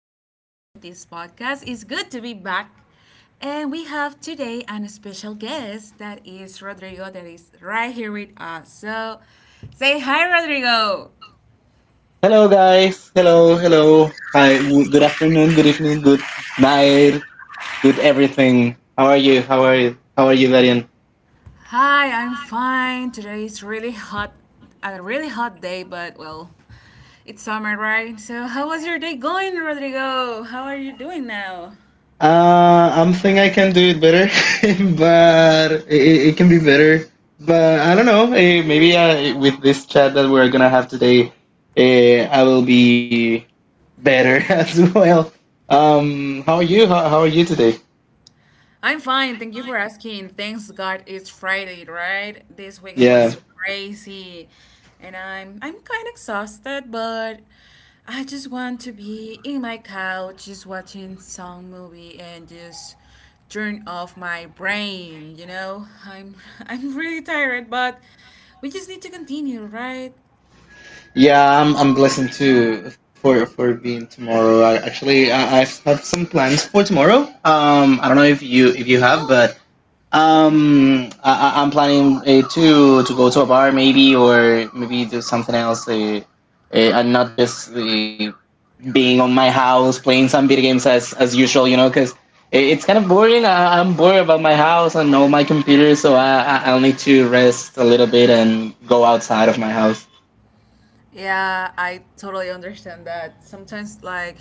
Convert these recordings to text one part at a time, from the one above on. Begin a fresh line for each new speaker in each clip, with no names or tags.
episode of this podcast. It's good to be back. And we have today a special guest that is Rodrigo that is right here with us. So say hi Rodrigo.
Hello, guys. Hello, hello. Hi. Good afternoon. Good evening. Good night. Good everything. How are you? How are you? How are you, Darian?
Hi, I'm fine. Today is really hot a really hot day, but well, it's summer, right? So how was your day going, Rodrigo? How are you doing now?
I'm think I can do it better, but it can be better. But I don't know. Maybe with this chat that we're gonna have today, I will be better as well. How are you? How are you today?
I'm fine. Thank you for asking. Thanks God it's Friday, right? This weekend was
Yeah.
crazy. And I'm kind of exhausted, but I just want to be in my couch just watching some movie and just turn off my brain, you know? I'm I'm really tired, but we just need to continue, right?
Yeah, I'm blessed too for being tomorrow. Actually, I have some plans for tomorrow. I don't know if you have,
Oh,
but
okay.
I'm planning to go to a bar maybe or maybe do something else. And not just being on my house playing some video games as usual, you know, because it's kind of boring. I'm bored about my house and all my computers, so I'll need to rest a little bit and go outside of my house.
Yeah, I totally understand that. Sometimes like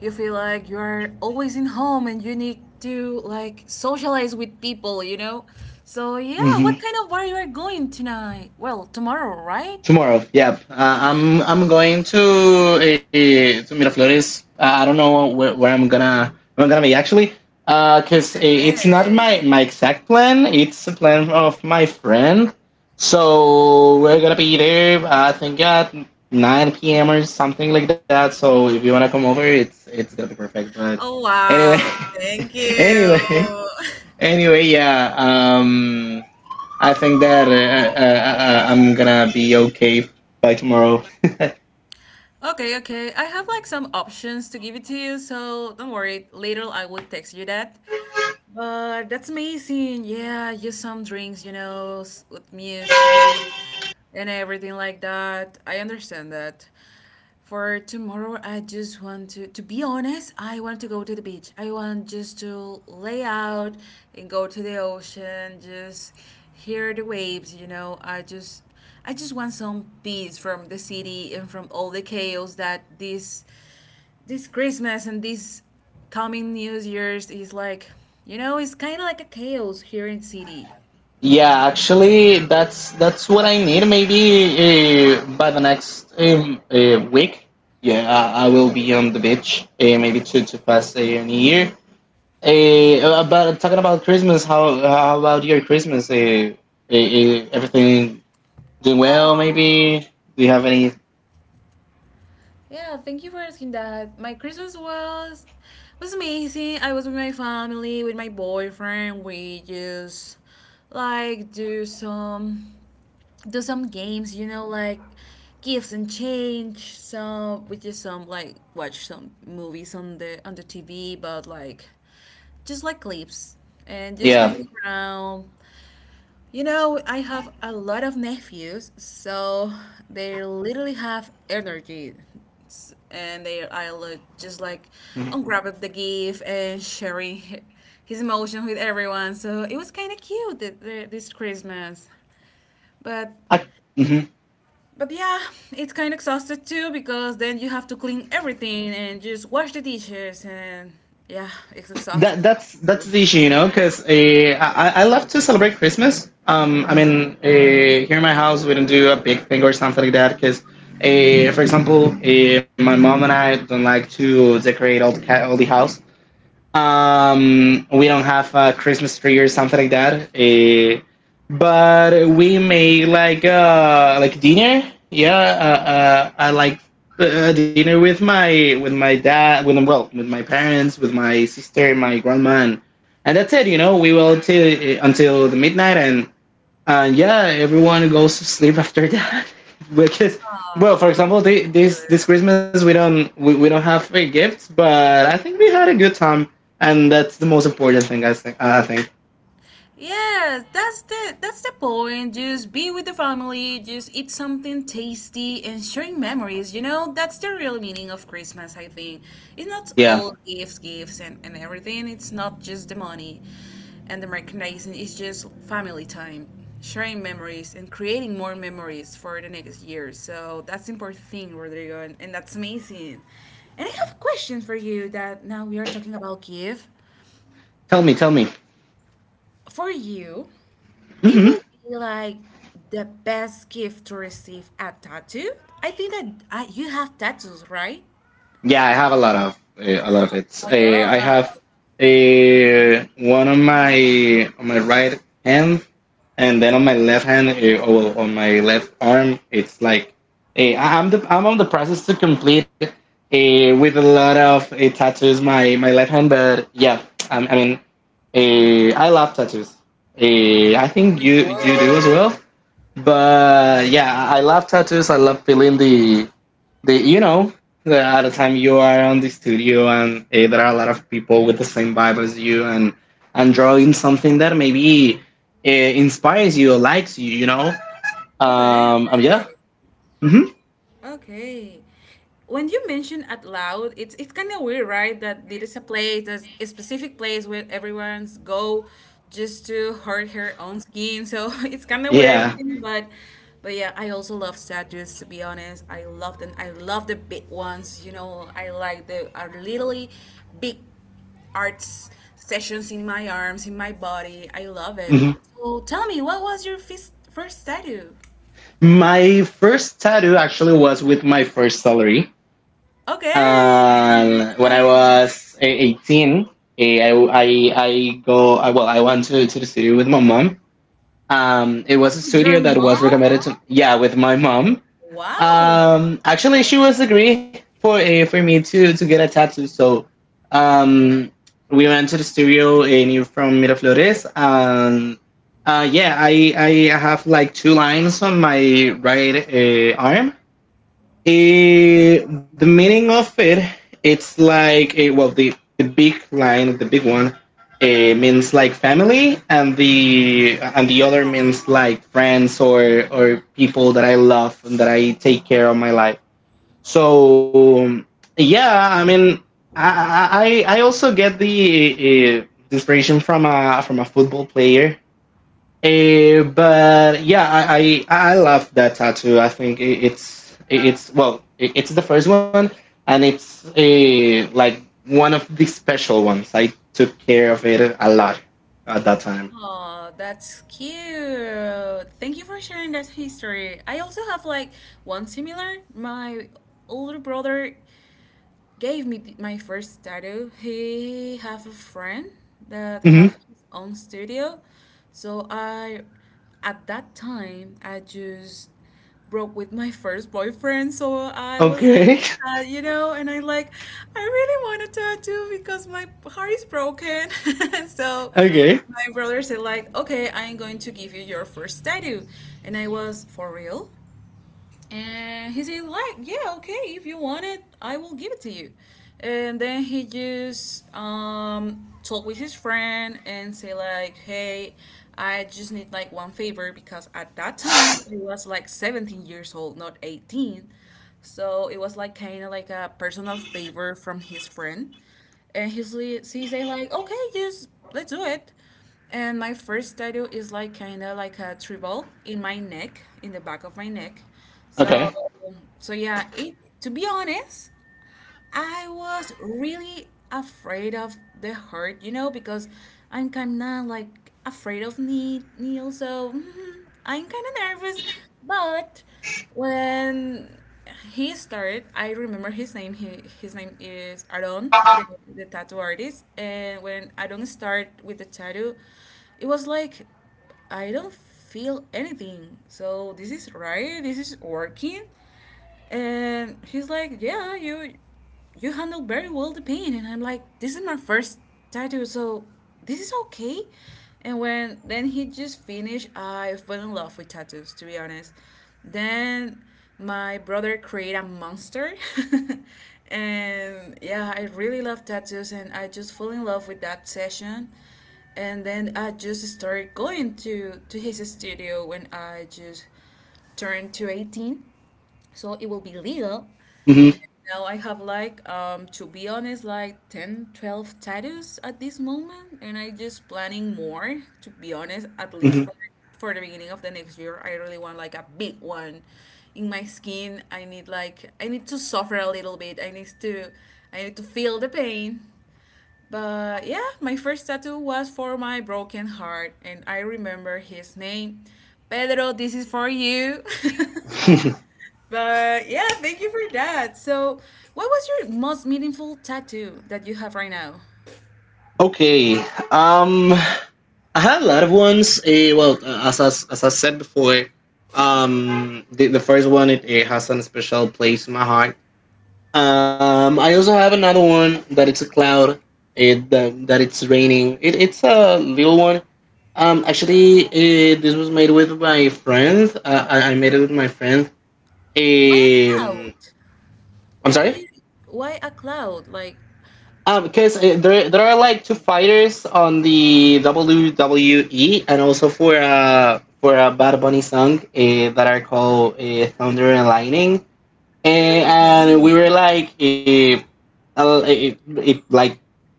you feel like you are always in home and you need to like socialize with people, you know? So yeah, what kind of bar you are going tonight? Well, tomorrow, right?
Tomorrow, yeah. I'm going to Miraflores. I don't know where I'm gonna be actually, because it's not my
Hey.
my exact plan. It's a plan of my friend. So we're gonna be there. I think at nine p.m. or something like that. So if you wanna come over, it's gonna be perfect. But
Oh
anyway,
wow, thank
anyway,
you.
anyway, yeah. I think that I'm gonna be okay by tomorrow.
Okay, okay. I have like some options to give it to you, so don't worry. Later I will text you that. But that's amazing. Yeah, just some drinks, you know, with music and everything like that. I understand that. For tomorrow, I just want to be honest, I want to go to the beach. I want just to lay out and go to the ocean, just hear the waves, you know. I just want some peace from the city and from all the chaos that this Christmas and this coming New Year's is like, you know, it's kind of like a chaos here in city.
Yeah, actually, that's what I need. Maybe by the next week. Yeah, I will be on the beach. Maybe to pass New Year. But talking about Christmas, how about your Christmas? Everything doing well?
Oh,
Maybe do you have
yeah,
any?
yeah, thank you for asking that. My Christmas was amazing. I was with my family, with my boyfriend. We just like do some games, you know, like gifts and change. So with just some like watch some movies on the TV, but like just like clips and just
Yeah.
hanging around. You know, I have a lot of nephews, so they literally have energy and they I look just like
Mhm.
unwrap the gift and sharing his emotion with everyone. So it was kind of cute this Christmas. But
I, mhm.
but yeah, it's kind of exhausted too because then you have to clean everything and just wash the dishes and yeah, it's
that
exhausted.
that's that's
Aww,
the issue, you know, because I love to celebrate Christmas. I mean, here in my house we don't do a big thing or something like that because, for example, my mom and I don't like to decorate all the house. We don't have a Christmas tree or something like that. But we make like dinner. Yeah, I like dinner with my dad, with well, with my parents, with my sister, my grandma, and that's it. You know, we will till until the midnight and yeah, everyone goes to sleep after that because. Well, for example,
that's
this
cute.
this Christmas we don't have free gifts, but I think we had a good time, and that's the most important thing. I think. I think.
Yes, that's the point. Just be with the family, just eat something tasty and sharing memories, you know? That's the real meaning of Christmas, I think. It's not
Yeah.
all gifts, gifts and everything. It's not just the money and the merchandising, it's just family time, sharing memories and creating more memories for the next year. So that's the important thing, Rodrigo, and that's amazing. And I have a question for you that now we are talking about gift.
Tell me. Tell me.
For you, it
Hmm.
will be like the best gift to receive a tattoo. I think that I, you have tattoos, right?
Yeah, I have a lot of
Oh
it.
my God.
I have
Oh
one on my right hand, and then on my left hand, oh, well, on my left arm, it's like I'm on the process to complete with a lot of tattoos my left hand, but yeah, I mean, I love tattoos. I think
my
you
God.
do as well but yeah, I love tattoos. I love feeling the at the time you are on the studio and there are a lot of people with the same vibe as you and drawing something that maybe uh, inspires you or likes you. You know.
Okay, okay.
Yeah. Hmm.
Okay. When you mention out loud, it's kind of weird, right? That there is a place, there's a specific place where everyone's go just to hurt her own skin. So it's kind of weird,
Yeah.
but but yeah, I also love statues. To be honest, I love them. I love the big ones. You know, I like the are literally big arts sessions in my arms, in my body. I love it.
Hmm.
So tell me, what was your first statue?
My first tattoo actually was with my first salary.
Okay,
When I
nice.
was 18, eh, I go I, well I went to the studio with my mom. It was a
Oh, your
studio that was With your
mom?
recommended to mom? Yeah, with my mom.
Wow.
Actually, she was agree for a for me to get a tattoo. So, um, we went to the studio in you from Miraflores, and yeah, I have like two lines on my right arm, Eh, the meaning of it, it's like eh, well, the big line, the big one, eh, means like family, and the other means
Aw.
like friends or people that I love and that I take care of my life. So yeah, I mean, I I, I also get the eh, the inspiration from a football player. But yeah, I love that tattoo. I think it's well, it's the first one, and it's a like one of the special ones. I took care of it a lot at that time.
Oh, that's cute. Thank you for sharing that history. I also have like one similar. My older brother gave me my first tattoo. He have a friend that
Hmm.
have his own studio, so I, at that time, I just broke with my first boyfriend, so I was kind
Okay,
of sad, you know, and I like, I really want a tattoo because my heart is broken, so.
okay,
My brother said like, okay, I'm going to give you your first tattoo, and I was for real. And he said, like, yeah, okay, if you want it, I will give it to you. And then he just talked with his friend and say like, hey, I just need like one favor because at that time he was like 17 years old, not 18. So it was like kind of like a personal favor from his friend. And he say like, okay, just let's do it. And my first tattoo is like kind of like a tribal in my neck, in the back of my neck. So,
okay.
so yeah, it to be honest, I was really afraid of the hurt, you know, because I'm kind of like afraid of Neil, so mhm, I'm kind of nervous. But when he started, I remember his name. He, his name is Aaron, the tattoo artist. And when Aaron started with the tattoo, it was like I don't feel anything. So this is right. This is working. And he's like, yeah, you handled very well the pain, and I'm like, this is my first tattoo, so this is okay. And when then he just finished, I fell in love with tattoos, to be honest. Then my brother created a monster and yeah, I really love tattoos, and I just fell in love with that session. And then I just started going to his studio when I just turned to 18, so it will be legal.
Hmm.
Now I have like to be honest like 10 12 tattoos at this moment, and I just planning more, to be honest, at least
Hmm.
for the beginning of the next year. I really want like a big one in my skin. I need like I need to suffer a little bit. I need to feel the pain. But yeah, my first tattoo was for my broken heart, and I remember his name, Pedro. This is for you. But yeah, thank you for that. So, what was your most meaningful tattoo that you have right now?
Okay. Um, I had a lot of ones. Eh, well, as I said before, the first one it has a special place in my heart. I also have another one that it's a cloud. That it's raining. It's a little one. Actually, this was made with my friend. I made it with my friend.
Why a cloud?
Um, I'm
Why
sorry.
you, why a cloud? Like,
Because there are like two fighters on the WWE and also for a Bad Bunny song that are called Thunder and Lightning.
okay.
And we were like. Like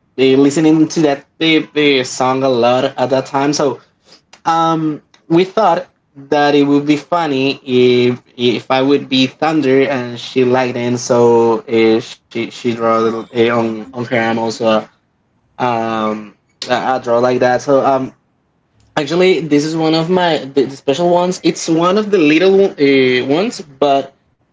they listening to that the song a lot at that time. So um, we thought that it would be funny if I would be Thunder and she liked it. So she draw a
Oh,
on her arm
okay.
also um I draw like that. So actually, this is one of my the special ones. It's one of the little ones, but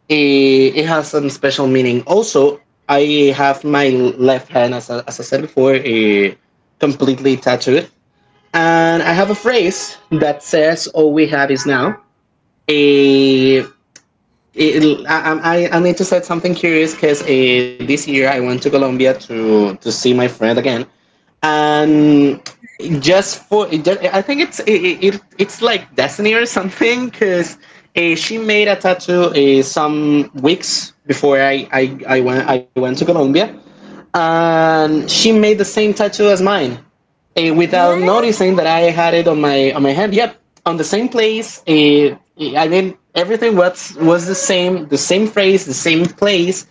it has some special meaning. Also, I have my left hand, as as I said before, completely tattooed, and
Wow.
I have a phrase that says, "All we have is now." Uh, I need to say something curious because this year I went to Colombia to see my friend again,
Oh,
and
okay.
just for it I think it's like destiny or something because she made a tattoo some weeks before I went to Colombia and she made the same tattoo as mine without
Yes?
noticing that I had it on my hand. Yep, on the same place. I mean everything was the same, the same phrase, the same place.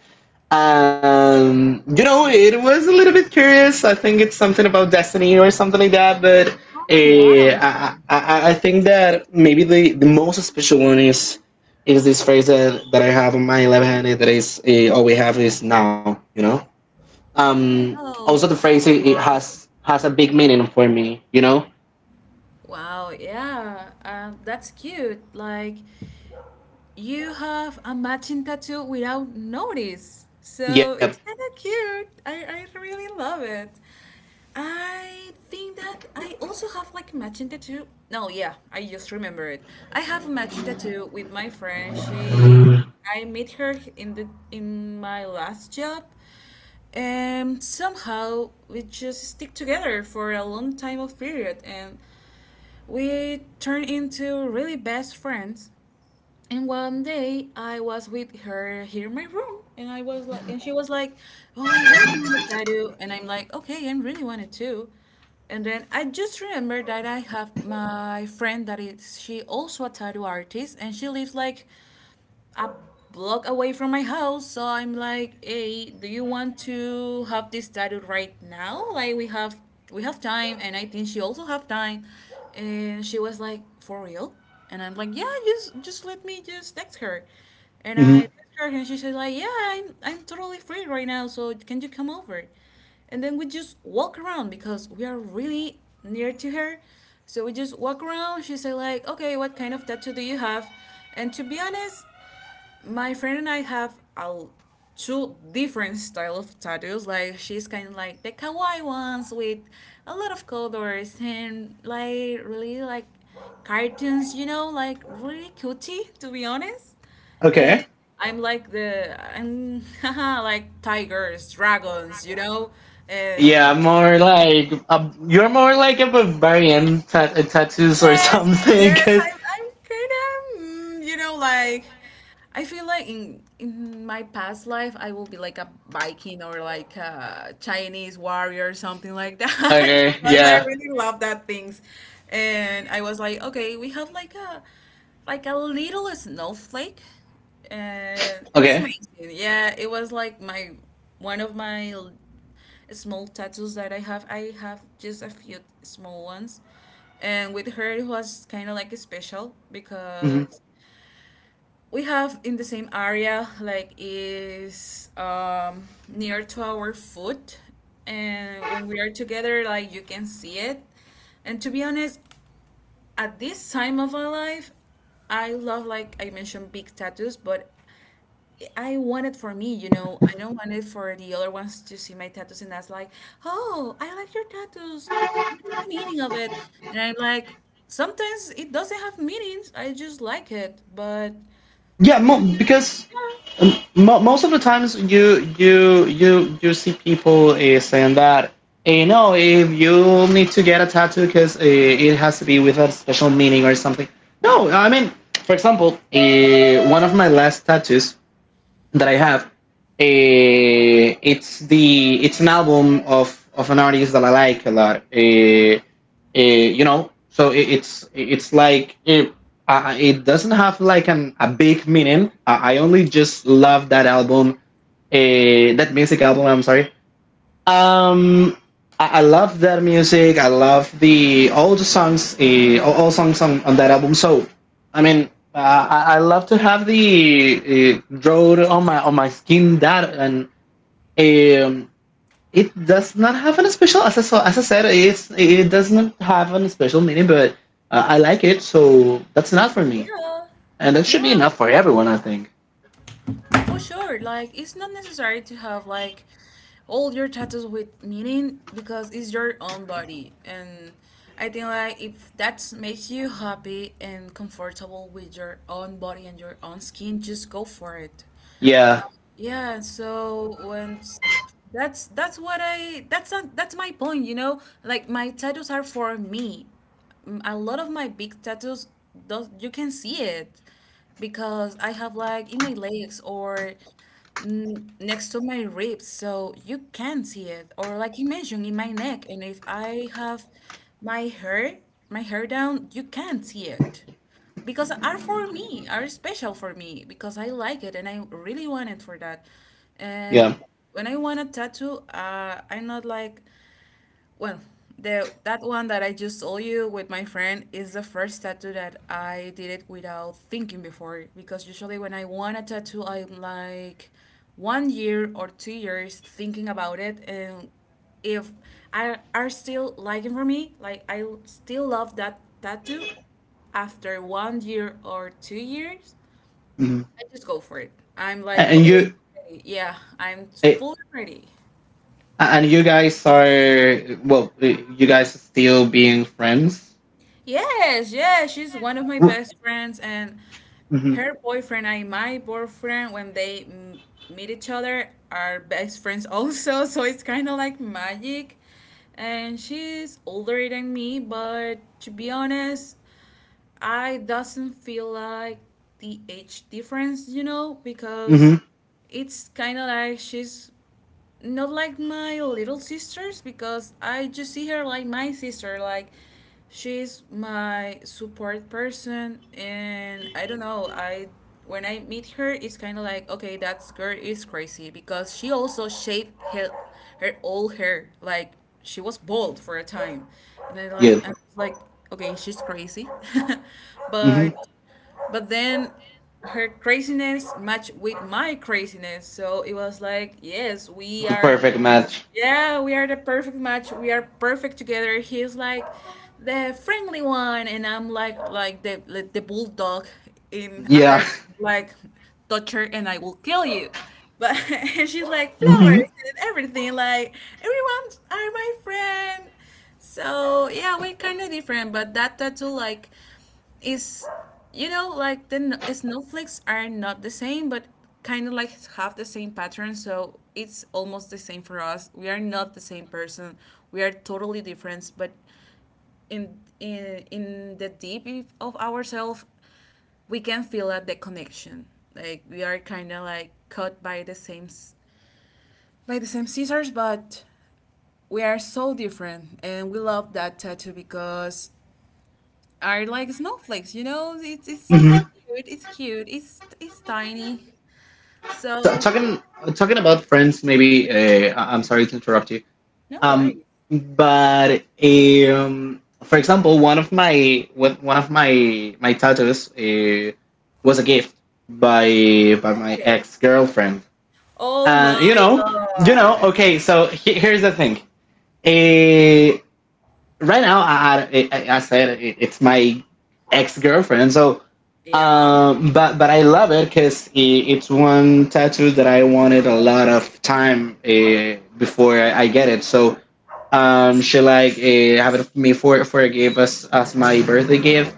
Um, you know, it was a little bit curious. I think it's something about destiny or something like that. But
Oh, wow.
I think that maybe the most special one is this phrase that I have on my left hand. That is all we have is now. You know.
Oh,
Also, the
wow.
phrase
That's
it
cute.
has a big meaning for me. You know.
Wow, yeah, that's cute. Like, you have a matching tattoo without notice. So
Yep.
it's kind of cute. I really love it. I think that I also have like a matching tattoo. No, yeah, I just remember it. I have a matching tattoo with my friend. She, I met her in the in my last job, and somehow we just stick together for a long time of period, and we turn into really best friends. And one day I was with her here in my room, and I was like, and she was like, "Oh, I really want a tattoo," and I'm like, "Okay, I really want it too." And then I just remembered that I have my friend that is she also a tattoo artist, and she lives like a block away from my house. So I'm like, hey, do you want to have this tattoo right now? Like we have time, and I think she also have time. And she was like, for real? And I'm like, yeah, just let me just text her. And
Hmm.
I text her, and she said like, yeah, I'm totally free right now. So can you come over? And then we just walk around because we are really near to her, so we just walk around. She said like, okay, what kind of tattoo do you have? And to be honest, my friend and I have a two different style of tattoos. Like she's kind of like the kawaii ones with a lot of colors and like really like cartoons, you know, like really cutie, to be honest. And
Okay.
I'm like the I'm like tigers, dragons, you know, and
Yeah, more like a, you're more like a barbarian tattoos or
yes,
something.
yes, I'm kind of, mm, you know, like I feel like in my past life I will be like a Viking or like a Chinese warrior or something like that
Okay.
because I
Yeah.
really love that things. And I was like, okay, we have like a little snowflake. And it was
Okay.
amazing. Yeah, it was like my one of my small tattoos that I have. I have just a few small ones. And with her, it was kind of like special
Hmm.
because we have in the same area, like is near to our foot. And when we are together, like you can see it. And to be honest, at this time of my life, I love like I mentioned big tattoos, but I want it for me, you know. I don't want it for the other ones to see my tattoos and that's like, oh, I like your tattoos. What is the meaning of it? And I'm like, sometimes it doesn't have meanings. I just like it. But
Yeah.
to be
Because
honest,
most of the times you see people saying that you know if you need to get a tattoo because it has to be with a special meaning or something. No, I mean, for example, one of my last tattoos that I have. It's an album of an artist that I like a lot. You know, so it, it's like it it doesn't have like an a big meaning. I only just love that album, uh, that music album. I'm sorry, um, I love their music. I love the all the songs, all songs on that album. So, I mean, I love to have the road on my skin. That and um, it does not have a special. As I said, it doesn't have a special meaning, but I like it. So that's enough for
yeah,
me,
yeah,
and that should be
yeah,
enough for
for sure.
everyone. I think.
For sure, like it's not necessary to have like all your tattoos with meaning because it's your own body, and I think like if that makes you happy and comfortable with your own body and your own skin, just go for it.
Yeah,
Um, yeah, so when that's what I that's not, that's my point, you know? Like my tattoos are for me. Mm, A lot of my big tattoos, those you can see it because I have like in my legs or, next to my ribs, so you can see it, or like you mentioned in my neck. And if I have my hair down, you can see it because are for me, are special for me because I like it and I really want it for that.
yeah.
And when I want a tattoo, I'm not like, well, the that one that I just told you with my friend is the first tattoo that I did it without thinking before, because usually when I want a tattoo I'm like 1 year or 2 years thinking about it. And if I are still liking for me, like I still love that tattoo after 1 year or 2 years,
Mhm.
I just go for it. I'm
A-
like,
And
okay,
you,
I'm ready. Yeah, I'm
uh,
fully ready.
A- and you guys are well. You guys are still being friends.
Yes, yes, she's one of my best friends, and
Mm-hmm.
her boyfriend and my boyfriend, when they meet each other, are best friends also. So it's kind of like magic. And she's older than me, but to be honest, I doesn't feel like the age difference, you know, because
Mm-hmm.
it's kind of like she's not like my little sisters, because I just see her like my sister. Like she's my support person, and I don't know. I when I meet her, it's kind of like, okay, that girl is crazy, because she also shaved her her all hair. Like she was bald for a time, and I like
Yeah.
I'm like, okay, she's crazy,
Mm-hmm.
but but then her craziness matched with my craziness, so it was like, yes, we
The
are,
perfect match.
yeah, we are the perfect match, we are perfect together. He's like the friendly one, and I'm like the bulldog in at
Yeah.
their, like, touch her and I will kill you, but and she's like
Mm-hmm.
flowers and everything, like, everyone are my friend. So yeah, we're kind of different, but that tattoo, like, is, you know, like the snowflakes are not the same, but kind of like have the same pattern, so it's almost the same for us. We are not the same person, we are totally different, but in the deep of ourselves, we can feel that the connection, like we are kind of like cut by the same by the same scissors, but we are so different, and we love that tattoo because are like snowflakes, you know? It's
Mm-hmm.
cute. It's cute. It's tiny.
T-
So
talking talking about friends. Maybe I- I'm sorry to interrupt you.
no
Um,
worries.
but for example, one of my my tattoos was a gift by my
Hey.
ex girlfriend,
Oh
and you
my
know, you
god.
know. Okay, so here's the thing. Eh, right now, I said it's my ex girlfriend. So,
Yeah.
but I love it because it's one tattoo that I wanted a lot of time before I get it. So, she like have it for me for a gift as my birthday gift,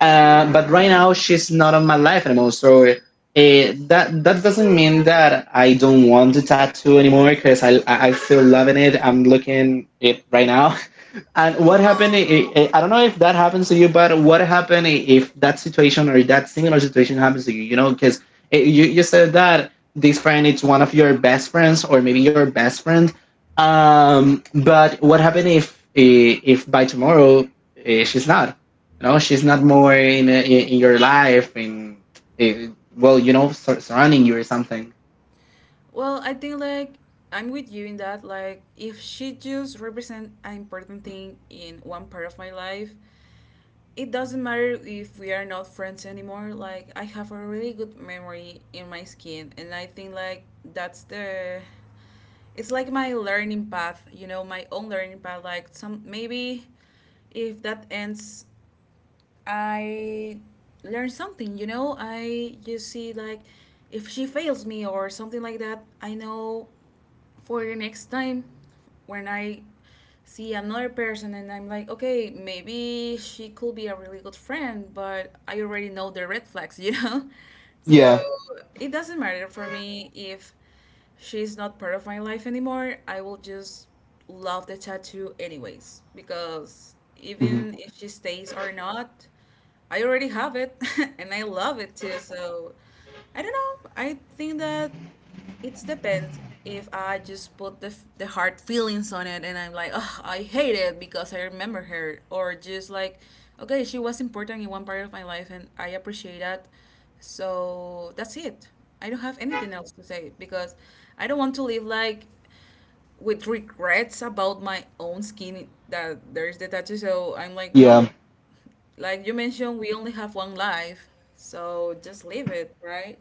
but right now she's not on my life anymore. So that doesn't mean that I don't want the tattoo anymore because I still loving it. I'm looking it right now. And what happened? I don't know if that happens to you, but what happened if that situation or that similar situation happens to you? You know, because you said that this friend is one of your best friends or maybe your best friend. But what happened if if by tomorrow she's not? You know, she's not more in your life. Eh, well, you know, surrounding you or something.
Well, I think like I'm with you in that, like if she just represent an important thing in one part of my life, it doesn't matter if we are not friends anymore. Like I have a really good memory in my skin, and I think like that's the, it's like my learning path, you know, my own learning path. Like some, maybe if that ends, I learn something, you know. I just see like, if she fails me or something like that, I know for the next time when I see another person and I'm like, okay, maybe she could be a really good friend, but I already know the red flags, you know? So
Yeah.
it doesn't matter for me if she's not part of my life anymore. I will just love the tattoo anyways, because
Hmm.
even if she stays or not, I already have it and I love it too. So I don't know. I think that it depends. If I just put the, the hard feelings on it and I'm like, oh, I hate it because I remember her. Or just like, okay, she was important in one part of my life, and I appreciate that. So that's it. I don't have anything else to say, because I don't want to live like with regrets about my own skin that there's the tattoo. So I'm like,
Yeah.
no, like you mentioned, we only have one life. So just leave it, right?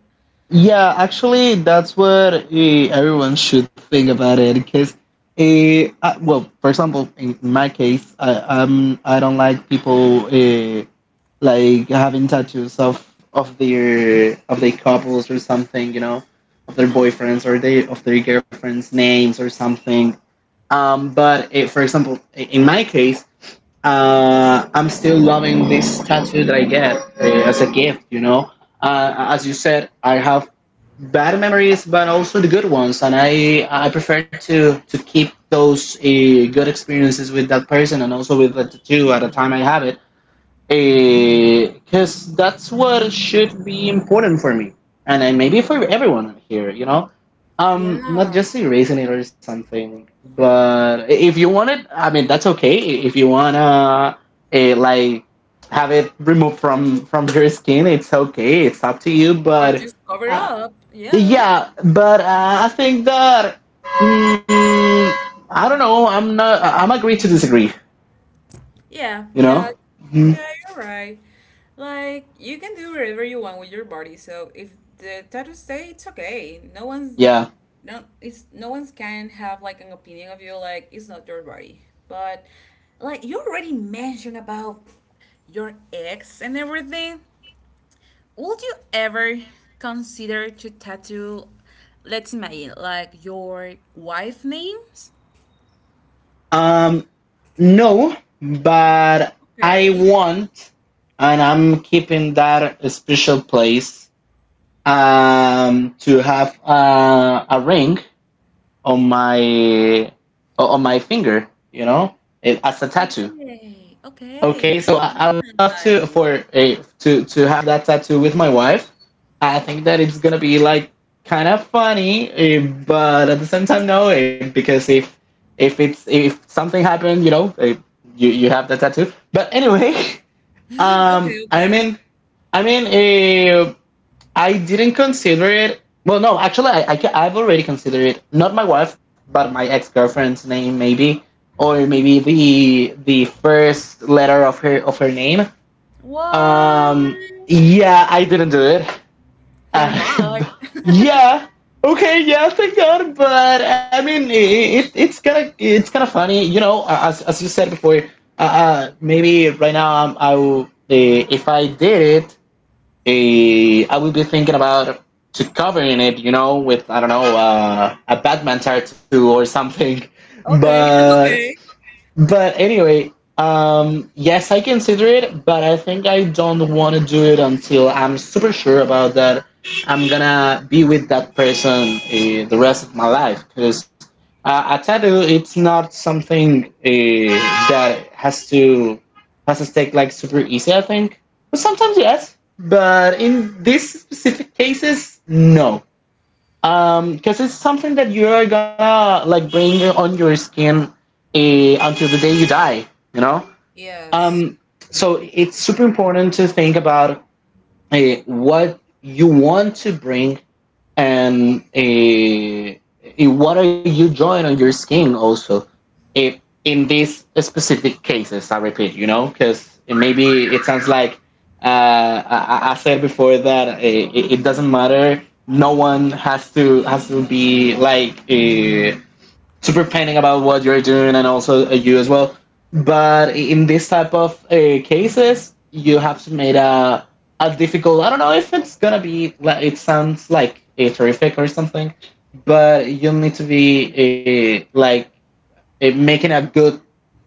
Yeah, actually, that's what everyone should think about it because, well, for example, in my case, I don't like people like having tattoos of of their couples or something, you know, of their boyfriends or they of their girlfriends' names or something. But for example, in my case, I'm still loving this tattoo that I get as a gift. You know, as you said, I have bad memories, but also the good ones, and I prefer to keep those good experiences with that person and also with the tattoo at the time I have it because that's what should be important for me and then maybe for everyone here, you know. Not
Yeah.
just erasing it or something, but if you want it, I mean, that's okay. If you wanna like have it removed from your skin, it's okay, it's up to you.
Or
But
just cover
uh,
up. Yeah.
yeah, but I think that mm, I don't know. I'm not I'm agree to disagree,
Yeah,
you
yeah,
know. Mhm.
yeah, you're right. Like, you can do whatever you want with your body, so if the tattoos stay, it's okay. No one's
Yeah.
no it's no one's can have like an opinion of you, like it's not your body. But like you already mentioned about your ex and everything. Would you ever consider to tattoo, let's imagine, like, your wife names?
um No, but I
Okay.
want, and I'm keeping that special place to have a ring on my on my finger. You know, it, as a tattoo.
Okay. Okay.
Okay, so
That's
I would love to
nice.
for a to have that tattoo with my wife. I think that it's gonna be like kind of funny, but at the same time, no, because if it's if something happened, you know, you have that tattoo. But anyway,
Mhm, okay,
I
okay.
mean, I mean, uh, I didn't consider it. Well, no, actually, I've already considered it. Not my wife, but my ex girlfriend's name, maybe, or maybe the first letter of her name.
What?
Yeah, I didn't do it. Uh,
Thank God.
yeah, okay, yeah, thank God. But I mean, it's kind of funny, you know. As you said before, maybe right now, I will, if I did it, I would be thinking about to covering it, you know, with I don't know a Batman tattoo or something.
Okay.
But
Okay.
but anyway, yes, I consider it, but I think I don't want to do it until I'm super sure about that. I'm gonna be with that person the rest of my life, because a tattoo, it's not something that has to take like super easy. I think, but sometimes yes, but in these specific cases, no, because it's something that you're gonna like bring on your skin until the day you die, you know.
Yes.
um so it's super important to think about uh, what you want to bring and what are you drawing on your skin also, if in these specific cases I repeat, you know, because maybe it sounds like uh, I said before that it doesn't matter. No one has to be like super panic about what you're doing and also you as well. But in this type of cases, you have to make a difficult. I don't know if it's gonna be. It sounds like a terrific or something, but you'll need to be like making a good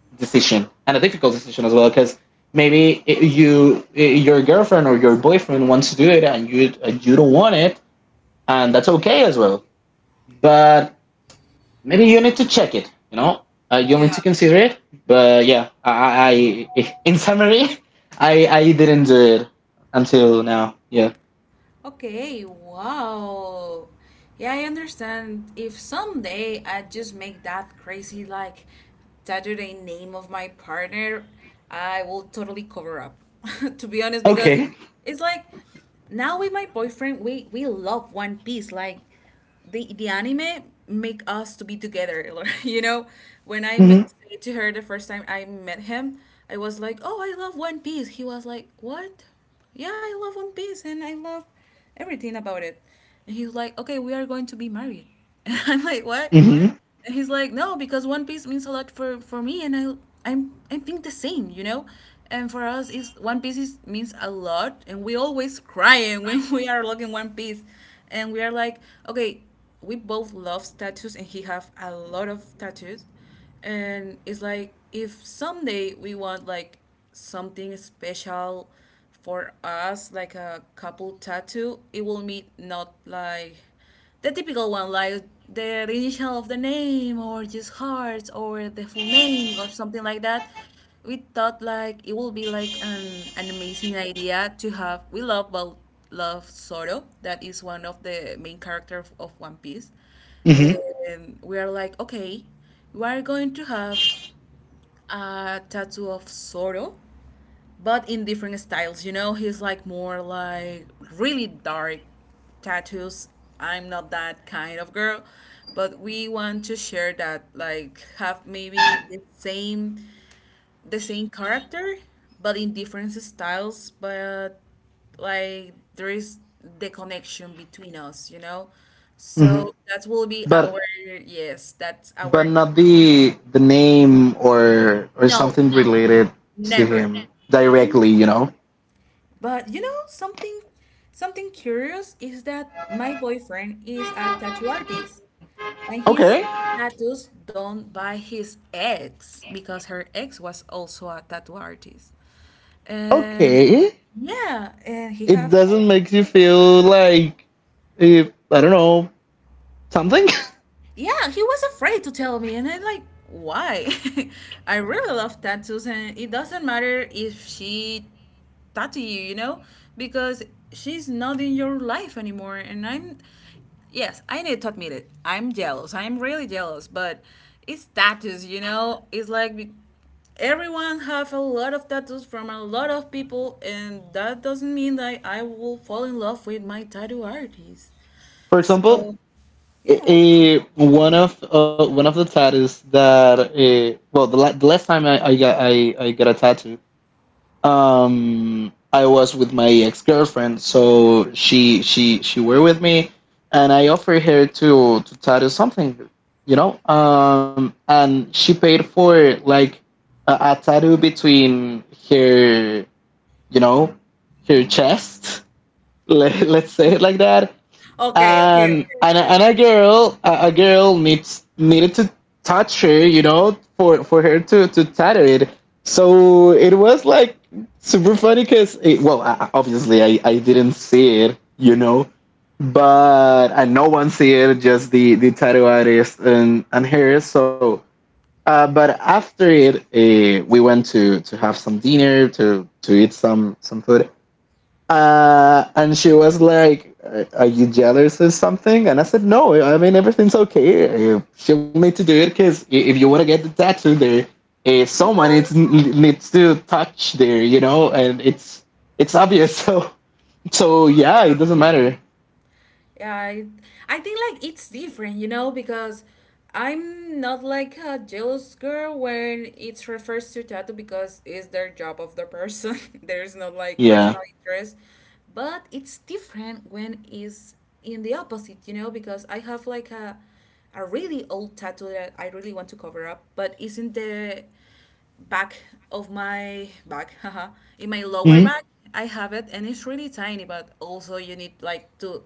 decision and a difficult decision as well, because maybe you your girlfriend or your boyfriend wants to do it and you don't want it, and that's okay as well. But maybe you need to check it. You know, you'll need to
Yeah.
consider it. But yeah, in summary, I didn't do it until now. Yeah.
Okay, wow. Yeah, I understand. If someday I just make that crazy, like, tattoo name of my partner, I will totally cover up, to be honest, because
Okay.
it's like now with my boyfriend, we love One Piece. Like, the anime make us to be together. You know, when
Mm-hmm.
said to her the first time I met him, I was like, oh, I love One Piece. He was like, what? Yeah, I love One Piece, and I love everything about it. And he was like, okay, we are going to be married. And I'm like, what?
Mm-hmm.
And he's like, no, because One Piece means a lot for me, and I think the same, you know. And for us, is One Piece is, means a lot, and we always crying when we are looking One Piece, and we are like, okay, we both love tattoos, and he have a lot of tattoos, and it's like, if someday we want like something special for us, like a couple tattoo, it will mean not like the typical one, like the initial of the name, or just hearts, or the full name, or something like that. We thought like it would be like an amazing idea to have. We love both love Zoro, that is one of the main characters of One Piece,
Mm-hmm.
and we are like, okay, we are going to have a tattoo of Zoro, but in different styles. You know, he's like more like really dark tattoos. I'm not that kind of girl, but we want to share that, like have maybe the same, the same character, but in different styles. But like there is the connection between us, you know.
Mm-hmm.
So that will be
But
our, yes, that's
but
our,
not the name or
no,
something related to
never.
him directly, you know.
But you know, something something curious is that my boyfriend is a tattoo artist, and his
Okay.
tattoos done by his ex, because her ex was also a tattoo artist. And
Okay.
yeah, and he
It
have,
doesn't make you feel like if I don't know something.
yeah, he was afraid to tell me, and I'm like, why? I really love tattoos, and it doesn't matter if she tattoo you, you know, because she's not in your life anymore. And I'm, yes, I need to admit it. I'm jealous. I'm really jealous, but it's tattoos, you know. It's like everyone have a lot of tattoos from a lot of people, and that doesn't mean that I will fall in love with my tattoo artist.
For example,
So yeah.
one of the tattoos that well the, the last time I got a tattoo. I was with my ex-girlfriend, so she were with me, and I offered her to tattoo something, you know. And she paid for like a tattoo between her, you know, her chest. Let's say it like that.
Okay, okay,
And
okay, okay.
and a girl, a girl needs needed to touch her, you know, for her to tattoo it. So it was like super funny because, well, obviously i didn't see it, you know. But and no one see it, just the tattoo artist and her. So but after it, we went to have some dinner to eat some food. And she was like, are you jealous or something?" And I said, "No, I mean everything's okay. She'll need to do it because if you want to get the tattoo, there, someone
Yeah.
needs to touch there, you know, and it's obvious. So so yeah, it
Yeah.
doesn't matter.
Yeah, I think like it's different, you know, because I'm not like a jealous girl when it refers to tattoo because it's their job of the person. There's no like
Yeah.
personal interest. But it's different when it's in the opposite, you know, because I have like a really old tattoo that I really want to cover up, but isn't the back of my back, haha, in my lower
Hmm.
back. I have it, and it's really tiny, but also you need like to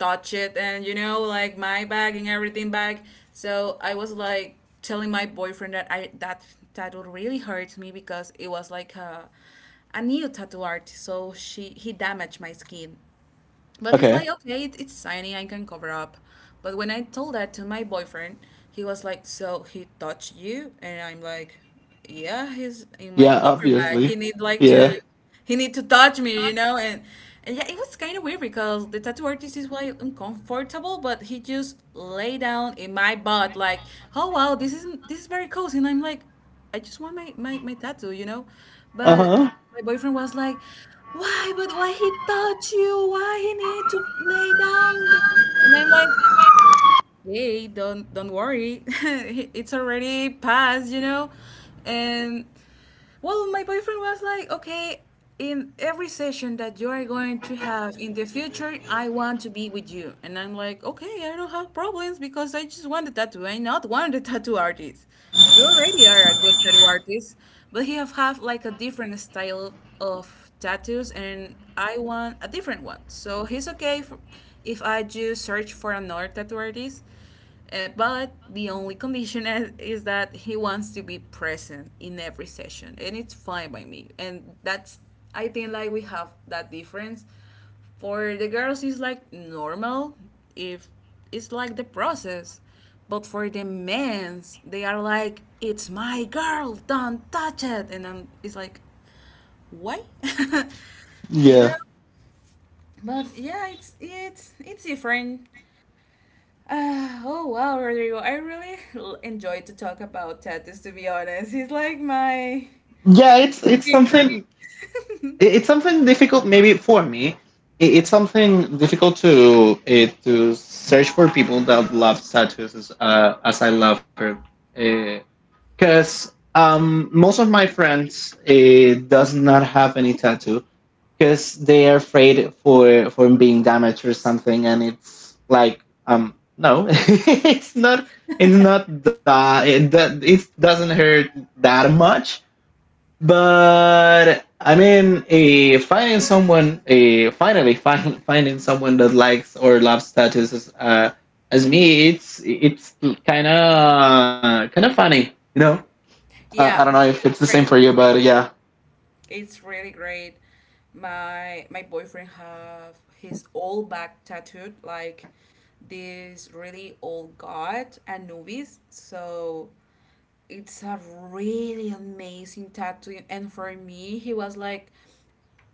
touch it, and you know, like my back and everything back. So I was like telling my boyfriend that I that tattoo really hurts me, because it was like a new tattoo art. So she he damaged my skin, but it's
Okay.
like, okay, it, it's shiny, I can cover up. But when I told that to my boyfriend, he was like, so he touched you? And I'm like, yeah, he's in
Yeah,
my lower back.
obviously.
He need like
Yeah.
to, he need to touch me, you know? And yeah, it was kind of weird because the tattoo artist is like uncomfortable, but he just lay down in my butt like, oh wow, this is very cozy. And I'm like, I just want my, my, my tattoo, you know?
Uh
But
huh.
my boyfriend was like, why? But why he touch you? Why he need to lay down? And I'm like, hey, don't worry. It's already past, you know? And well, my boyfriend was like, okay, in every session that you are going to have in the future, I want to be with you. And I'm like, okay, I don't have problems because I just want a tattoo. I'm not one of the tattoo artists. You already are a good tattoo artist, but he have, like a different style of tattoos, and I want a different one. So he's okay for, if I just search for another tattoo artist. But the only condition is that he wants to be present in every session, and it's fine by me. And that's I think like we have that difference. For the girls, it's like normal if it's like the process, but for the men's, they are like, "It's my girl, don't touch it," and then it's like, why? You
Yeah.
know, but yeah, it's different. Oh wow, Rodrigo! I really enjoy to talk about tattoos. To be honest, he's like my
Yeah, it's
favorite.
something it's something difficult maybe for me. It's something difficult to search for people that love tattoos as I love her, because most of my friends does not have any tattoo because they are afraid for being damaged or something, and it's like no. It's not, it's not that it doesn't hurt that much. But I mean, finding someone, finding someone that likes or loves tattoos as me, it's kind of funny, you know. I don't
Yeah.
know if it's the
It's
same for
great.
you, but yeah,
It's really great. My boyfriend have his all back tattooed like this really old god Anubis. So it's a really amazing tattoo. And for me, he was like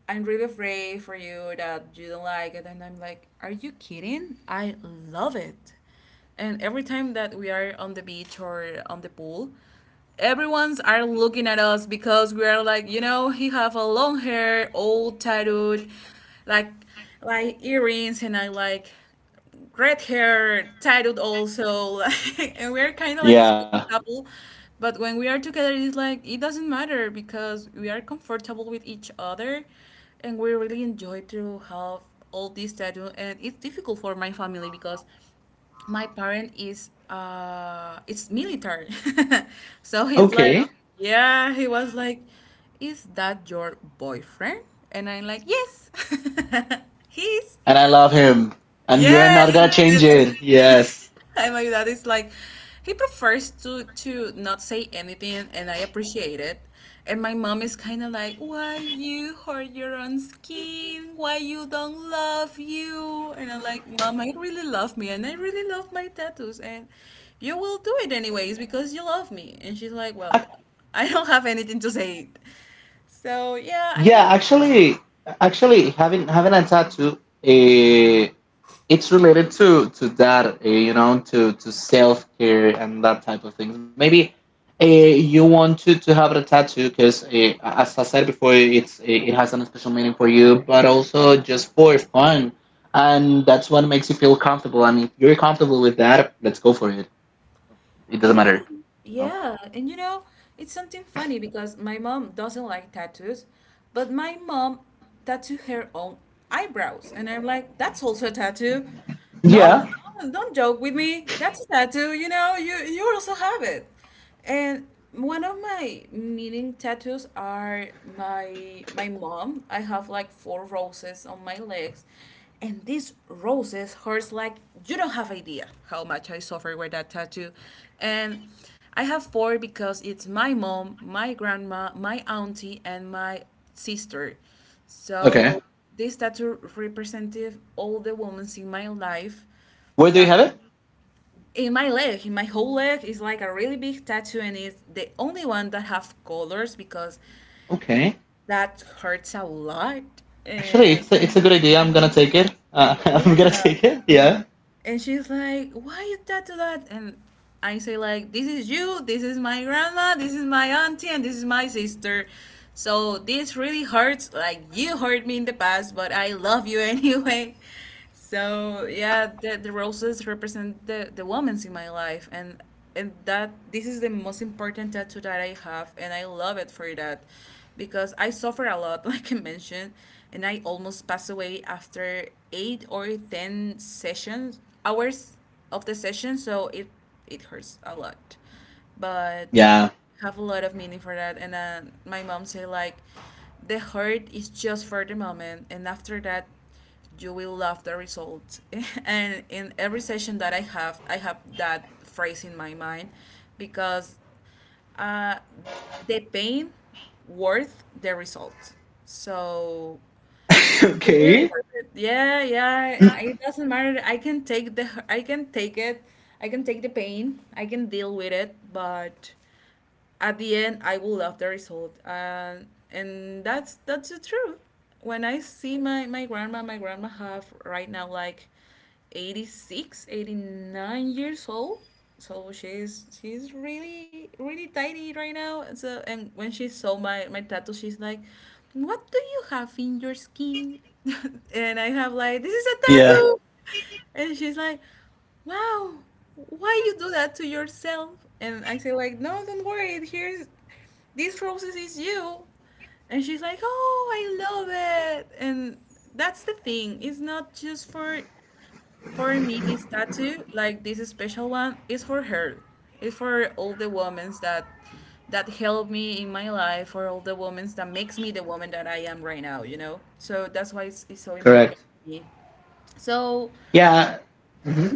I'm really afraid for you that you don't like it. And I'm like, are you kidding? I love it. And every time that we are on the beach or on the pool, everyone's are looking at us because we are like, you know, he have a long hair, all tattooed, like like earrings, and I like red hair, tattooed also, like, and we're kind of like a
yeah,
special couple. But when we are together, it's like it doesn't matter because we are comfortable with each other, and we really enjoy to have all this tattoo. And it's difficult for my family because my parent is it's military, so he's
okay.
like, yeah, he was like, is that your boyfriend? And I'm like, yes, he is.
And I love him, and you are
Yes,
not gonna
and,
change
and, and
it. Yes.
and my dad is like, he prefers to not say anything, and I appreciate it. And my mom is kind of like, why you hurt your own skin? Why you don't love you? And I'm like, mom, I really love me, and I really love my tattoos, and you will do it anyways because you love me. And she's like, well, I don't have anything to say. So yeah, I
Yeah,
know.
actually, having a tattoo, uh, it's related to that, you know, to self care and that type of things. Maybe you want to have a tattoo because, as I said before, it's it has a special meaning for you, but also just for fun, and that's what makes you feel comfortable. And if you're comfortable with that, let's go for it. It doesn't
And you
matter.
know,
No.
yeah, it's something funny because my mom doesn't like tattoos, but my mom tattooed her own eyebrows, and I'm like, that's also a tattoo. Don't
Yeah.
don't joke with me. That's a tattoo, you know. You also have it. And one of my meaning tattoos are my mom. I have like four roses on my legs. And these roses hurts like you don't have idea how much I suffer with that tattoo. And I have four because it's my mom, my grandma, my auntie, and my sister.
Okay.
So this tattoo representative all the women in my life
Where do you
that
have it?
in my leg in my whole leg is like a really big tattoo and it's the only one that have colors because
Okay.
that hurts a lot.
Actually,
And
it's it's a good idea. I'm gonna take it.
yeah.
I'm gonna take it. Yeah.
And she's like, why you tattoo that? And I say like, this is you, this is my grandma, this is my auntie, and this is my sister. So this really hurts, like you hurt me in the past, but I love you anyway. So yeah, the roses represent the women's in my life, and that this is the most important tattoo that I have, and I love it for that because I suffer a lot, like I mentioned, and I almost pass away after 8 or 10 sessions, hours of the session, so it hurts a lot. But
Yeah.
have a lot of meaning for that. And my mom say like, the hurt is just for the moment, and after that, you will love the result. And in every session that I have that phrase in my mind, because uh, the pain worth the result. So it really
okay.
worth it. Yeah, yeah. It doesn't matter. I can take the. I can take it. I can take the pain. I can deal with it. But at the end I will love the result, and that's the truth. When I see my grandma, my grandma have right now like 86, 89 years old, so she's really really tiny right now, and so and when she saw my tattoo, she's like, what do you have in your skin? And I have like, this is a
Yeah.
tattoo. And she's like, "Wow, why you do that to yourself?" And I say like, "No, don't worry. Here's these roses is you." And she's like, "Oh, I love it." And that's the thing. It's not just for me this tattoo, like this special one, is for her. It's for all the women that helped me in my life, for all the women that makes me the woman that I am right now. You know, so that's why it's so important
Correct.
to me. So
Yeah. Mm-hmm.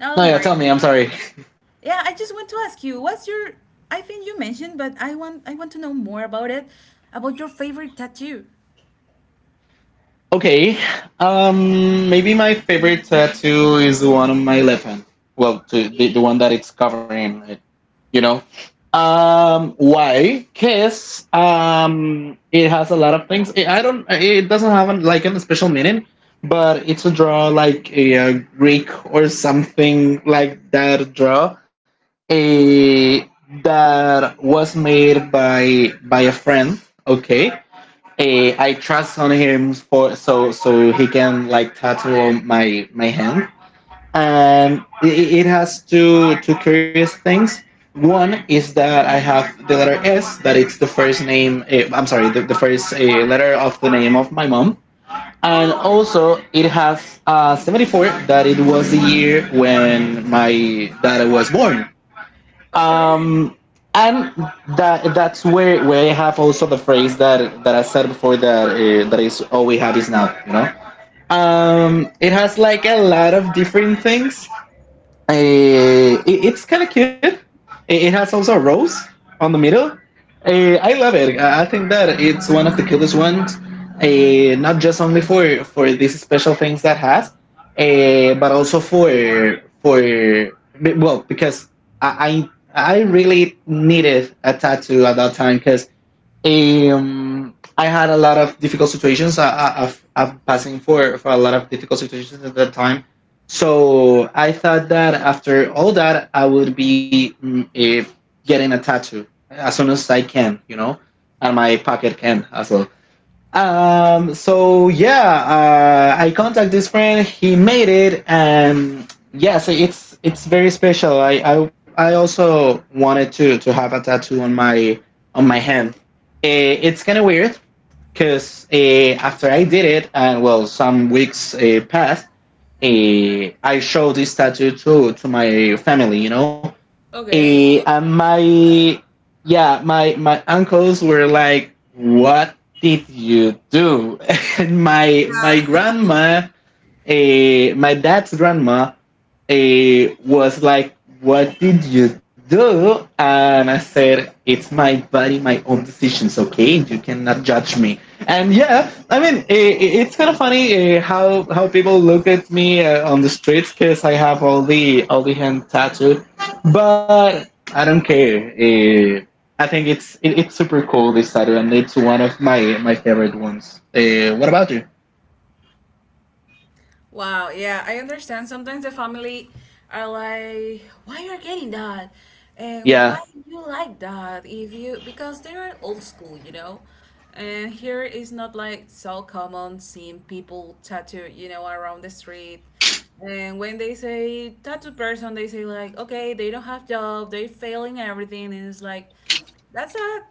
now
No,
don't
yeah.
worry.
Tell me. I'm sorry.
Yeah, I just want to ask you, what's your, I think you mentioned, but I want to know more about it, about your favorite tattoo.
Okay. Maybe my favorite tattoo is the one on my left hand. Well, to, the one that it's covering it, you know. Why? Cause it has a lot of things. It, I don't. It doesn't have an, like a special meaning, but it's a draw like a, Greek or something like that draw. A That was made by a friend. Okay, I trust on him for so he can like tattoo on my hand, and it has two curious things. One is that I have the letter S, that it's the first name. I'm sorry, the first letter of the name of my mom, and
Oh,
also it has 74, that it was the year when my dad was born,
okay,
um and that that's where I have also the phrase that I said before, that that is all we have is now, you know. It has like a lot of different things. It's kind of cute. It has also a rose on the middle. I love it. I think that it's one of the cutest ones. Not just only for these special things that has, but also for for well, because I really needed a tattoo at that time because I had a lot of difficult situations. I've passing for a lot of difficult situations at that time. So I thought that after all that, I would be getting a tattoo as soon as I can, and my pocket can as well. I contact this friend. He made it, and yes, it's very special. I also wanted to have a tattoo on my hand. It's kind of weird because after I did it, and well, some weeks passed. I showed this tattoo to my family, you know.
okay,
Eh,
okay.
and my Yeah, my uncles were like, "What did you do?" And my grandma, my dad's grandma, was like, "What did you do?" And I said, "It's my body, my own decisions, okay? You cannot judge me." And yeah, I mean, it's kind of funny how people look at me on the streets because I have all the hand tattooed. But I don't care. I think it's super cool this tattoo, and it's one of my, my favorite ones. What about you?
Wow, yeah, I understand. Sometimes the family are like, why you are getting that? And
Yeah.
why you like that? If you because they are old school, you know? And here is not like so common seeing people tattooed, you know, around the street. And when they say tattooed person, they say like, okay, they don't have job, they failing everything, and it's like that's a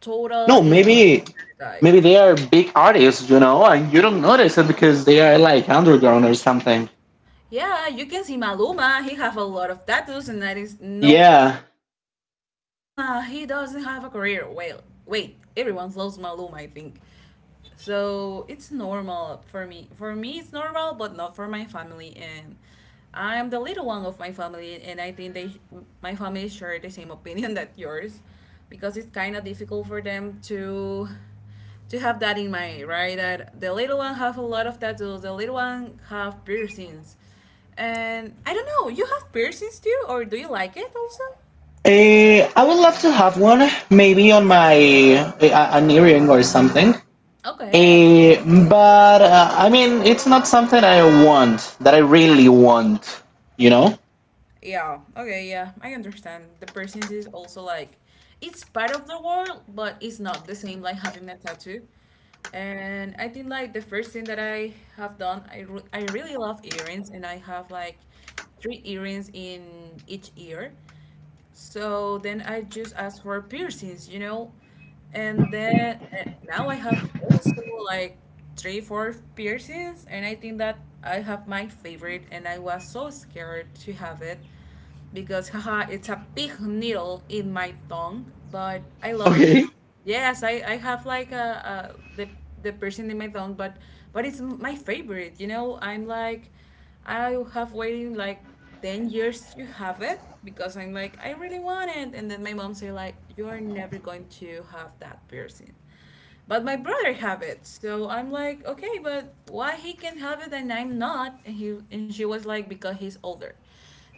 total
No,
incorrect
maybe
stereotype.
maybe they are big artists, you know, and you don't notice it because they are like underground or something.
Yeah, you can see Maluma. He have a lot of tattoos, and that is no one says
Yeah.
like, "Oh, Maluma, he doesn't have a career." Well, wait, everyone loves Maluma, I think so it's normal for me it's normal but not for my family. And I'm the little one of my family, and I think they my family share the same opinion that yours because it's kind of difficult for them to have that in mind, right? That the little one have a lot of tattoos, the little one have piercings. And I don't know, you have piercings too, or do you like it also?
I would love to have one, maybe on my a- an earring or something.
Okay.
Eh, but I mean, it's not something I want that I really want, you know.
Yeah, okay, yeah, I understand. The person is also like, it's part of the world, but it's not the same like having a tattoo. And I think like the first thing that I have done, I, I really love earrings, and I have like three earrings in each ear. So then I just asked for piercings, you know, and then and now I have also like three, four piercings, and I think that I have my favorite, and I was so scared to have it because haha, it's a big needle in my tongue, but I love it.
Okay.
Yes, I have like a, the person in my phone, but it's my favorite. You know, I'm like I have waiting like 10 years to have it because I'm like I really want it, and then my mom say like you are never going to have that person. But my brother have it, so I'm like, okay, but why he can have it and I'm not? And he and she was like, because he's older.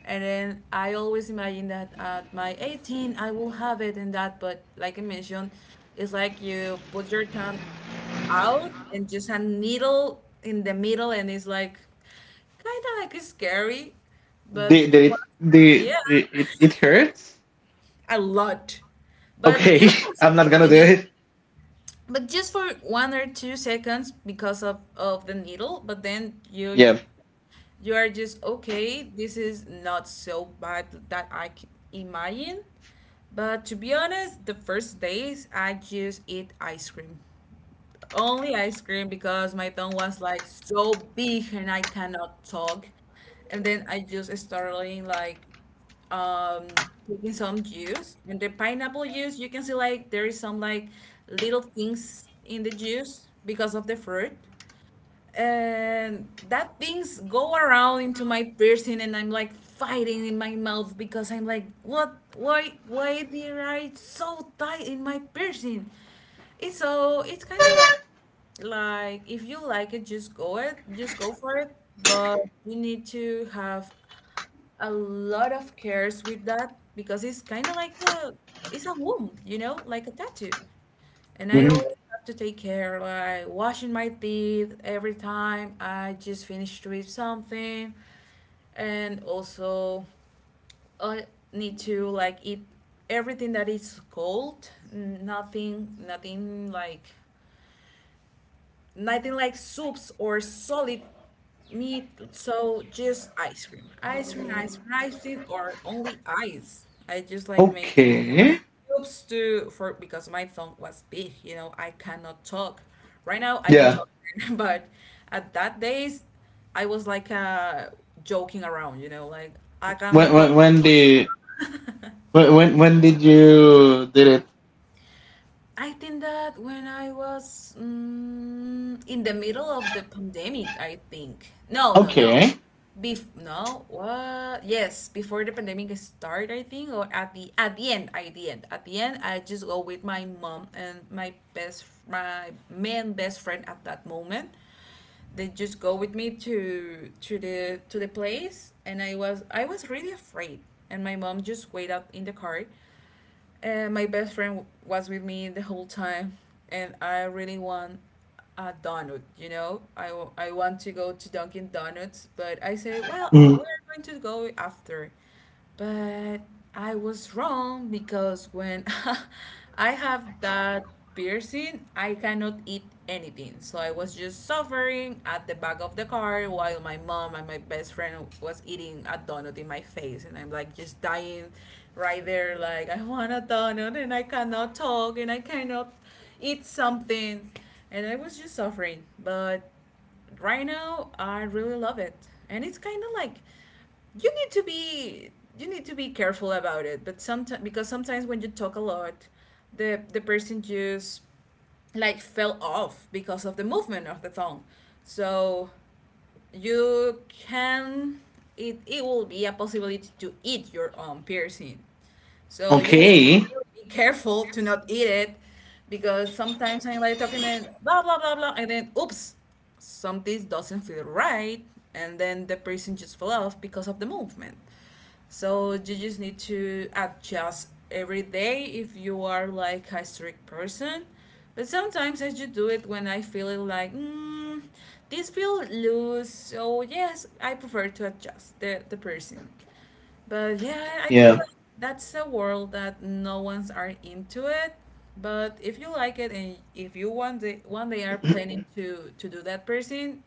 And then I always imagine that at my 18 I will have it and that, but like I mentioned, it's like you put your tongue out and just a needle in the middle, and it's like kind of like scary, but what?
The
Yeah,
It, it, it hurts.
a lot. But
Okay.
just for a
I'm not
second,
gonna
you
do
know,
it.
but just for 1 or 2 seconds because of the needle. But then you
Yeah.
you are just okay, this is not so bad that I can imagine. But to be honest, the first days I just eat ice cream, only ice cream, because my tongue was like so big and I cannot talk. And then I just started like um taking some juice, and the pineapple juice, you can see like there is some like little things in the juice because of the fruit. And that things go around into my piercing, and I'm like fighting in my mouth because I'm like, what, why did I so tight in my piercing? It's kind of like, if you like it just go for it. But you need to have a lot of cares with that because it's kind of like a, it's a wound, like a tattoo. And I
Mhm.
always have to take care, like washing my teeth every time I just finished with something. And also, I need to like eat everything that is cold. Nothing, nothing like soups or solid meat, so just ice cream. Ice cream, ice cream, ice cream, or only ice. I just like made some ice
Okay.
cubes to for, because my tongue was big, I cannot talk. Right now I can
Yeah.
talk, but at that days I was like joking around, like I
When
cannot talk.
when when the when did you did it?
I think that when I was in the middle of the pandemic, I think. No, no, no.
Okay.
Bef No, what? Yes, before the pandemic started, I think, or at the end, at the end, at the end, I just go with my mom and my main best friend at that moment. They just go with me to the place, and I was really afraid, and my mom just wait up in the car, my best friend was with me the whole time, and I really want a donut. You know, I want to go to Dunkin' Donuts, but I say, well,
Mm.
we're going to go after. But I was wrong because when I have that piercing. I cannot eat anything. So I was just suffering at the back of the car while my mom and my best friend was eating a donut in my face. And I'm like just dying right there. Like, I want a donut and I cannot talk and I cannot eat something. And I was just suffering. But right now I really love it. And it's kind of like, you need to be you need to be careful about it, but sometimes, because sometimes when you talk a lot, the person just like fell off because of the movement of the tongue. So you can, it will be a possibility to eat your own piercing. So you need to
Okay.
really be careful to not eat it, because sometimes I'm like talking and blah blah blah blah and then oops, something doesn't feel right, and then the piercing just fell off because of the movement. So you just need to adjust every day if you are like a strict person. But sometimes I just do it when I feel it like, this feel loose, so yes, I prefer to adjust the person. But yeah, I think
Yeah.
that that's a world that no one's are into it. But if you like it and if you one day are planning to do that person,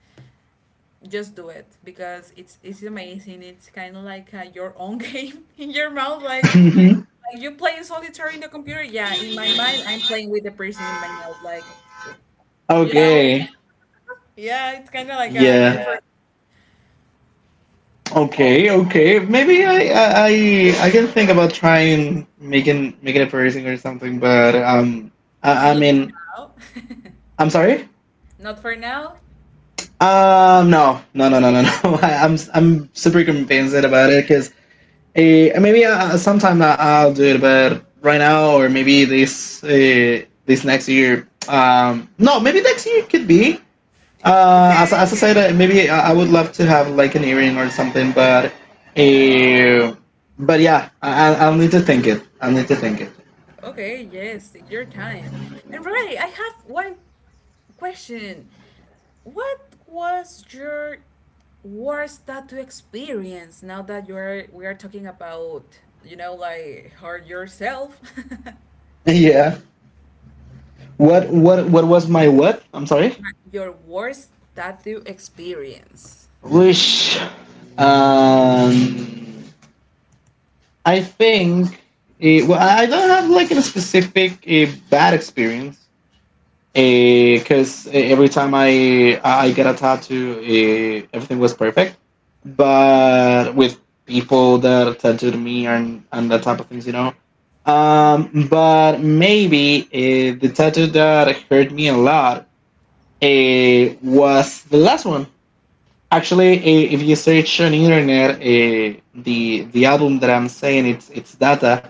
just do it because it's amazing. It's kind of like your own game in your mouth, like you playing solitaire in the computer. Yeah, in my mind, I'm playing with the person in my mouth, like, you know. Okay.
Okay.
Yeah, it's kind of like a
Yeah.
game for. Yeah.
Okay.
Okay.
Okay. Maybe I can think about trying making making a piercing or something. But I
Not for
mean,
now.
I'm sorry.
Not for now.
No, no, no, no, no, no. I'm super convinced about it because maybe sometime I- I'll do it, but right now or maybe this this next year. No, maybe next year could be. As I said, maybe I would love to have like an earring or something, uh, but yeah, I'll need to think it. I'll need to think it.
Okay, yes, your time. And Rory, I have one question. What was your worst tattoo experience now that you're we are talking about, you know, like hurt yourself?
Yeah. What was my what? I'm sorry.
Your worst tattoo experience.
Wish. Um, I think. I don't have like a specific bad experience, because every time I get a tattoo, everything was perfect. But with people that tattooed me and that type of things, you know. But maybe the tattoo that hurt me a lot was the last one. Actually, if you search on internet, the album that I'm saying it's Data.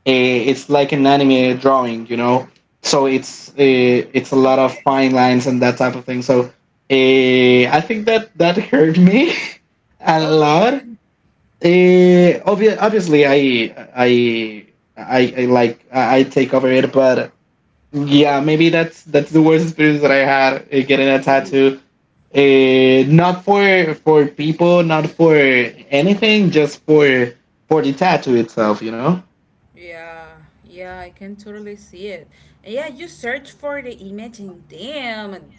It's like an anime drawing, you know. It's a lot of fine lines and that type of thing. So I think that that hurt me a lot. Obviously, I I like I take over it, but yeah, maybe that's the worst experience that I had getting a tattoo. Not for people, not for anything, just for the tattoo itself. You know?
Yeah, yeah, I can totally see it. And yeah, you search for the image, and damn, and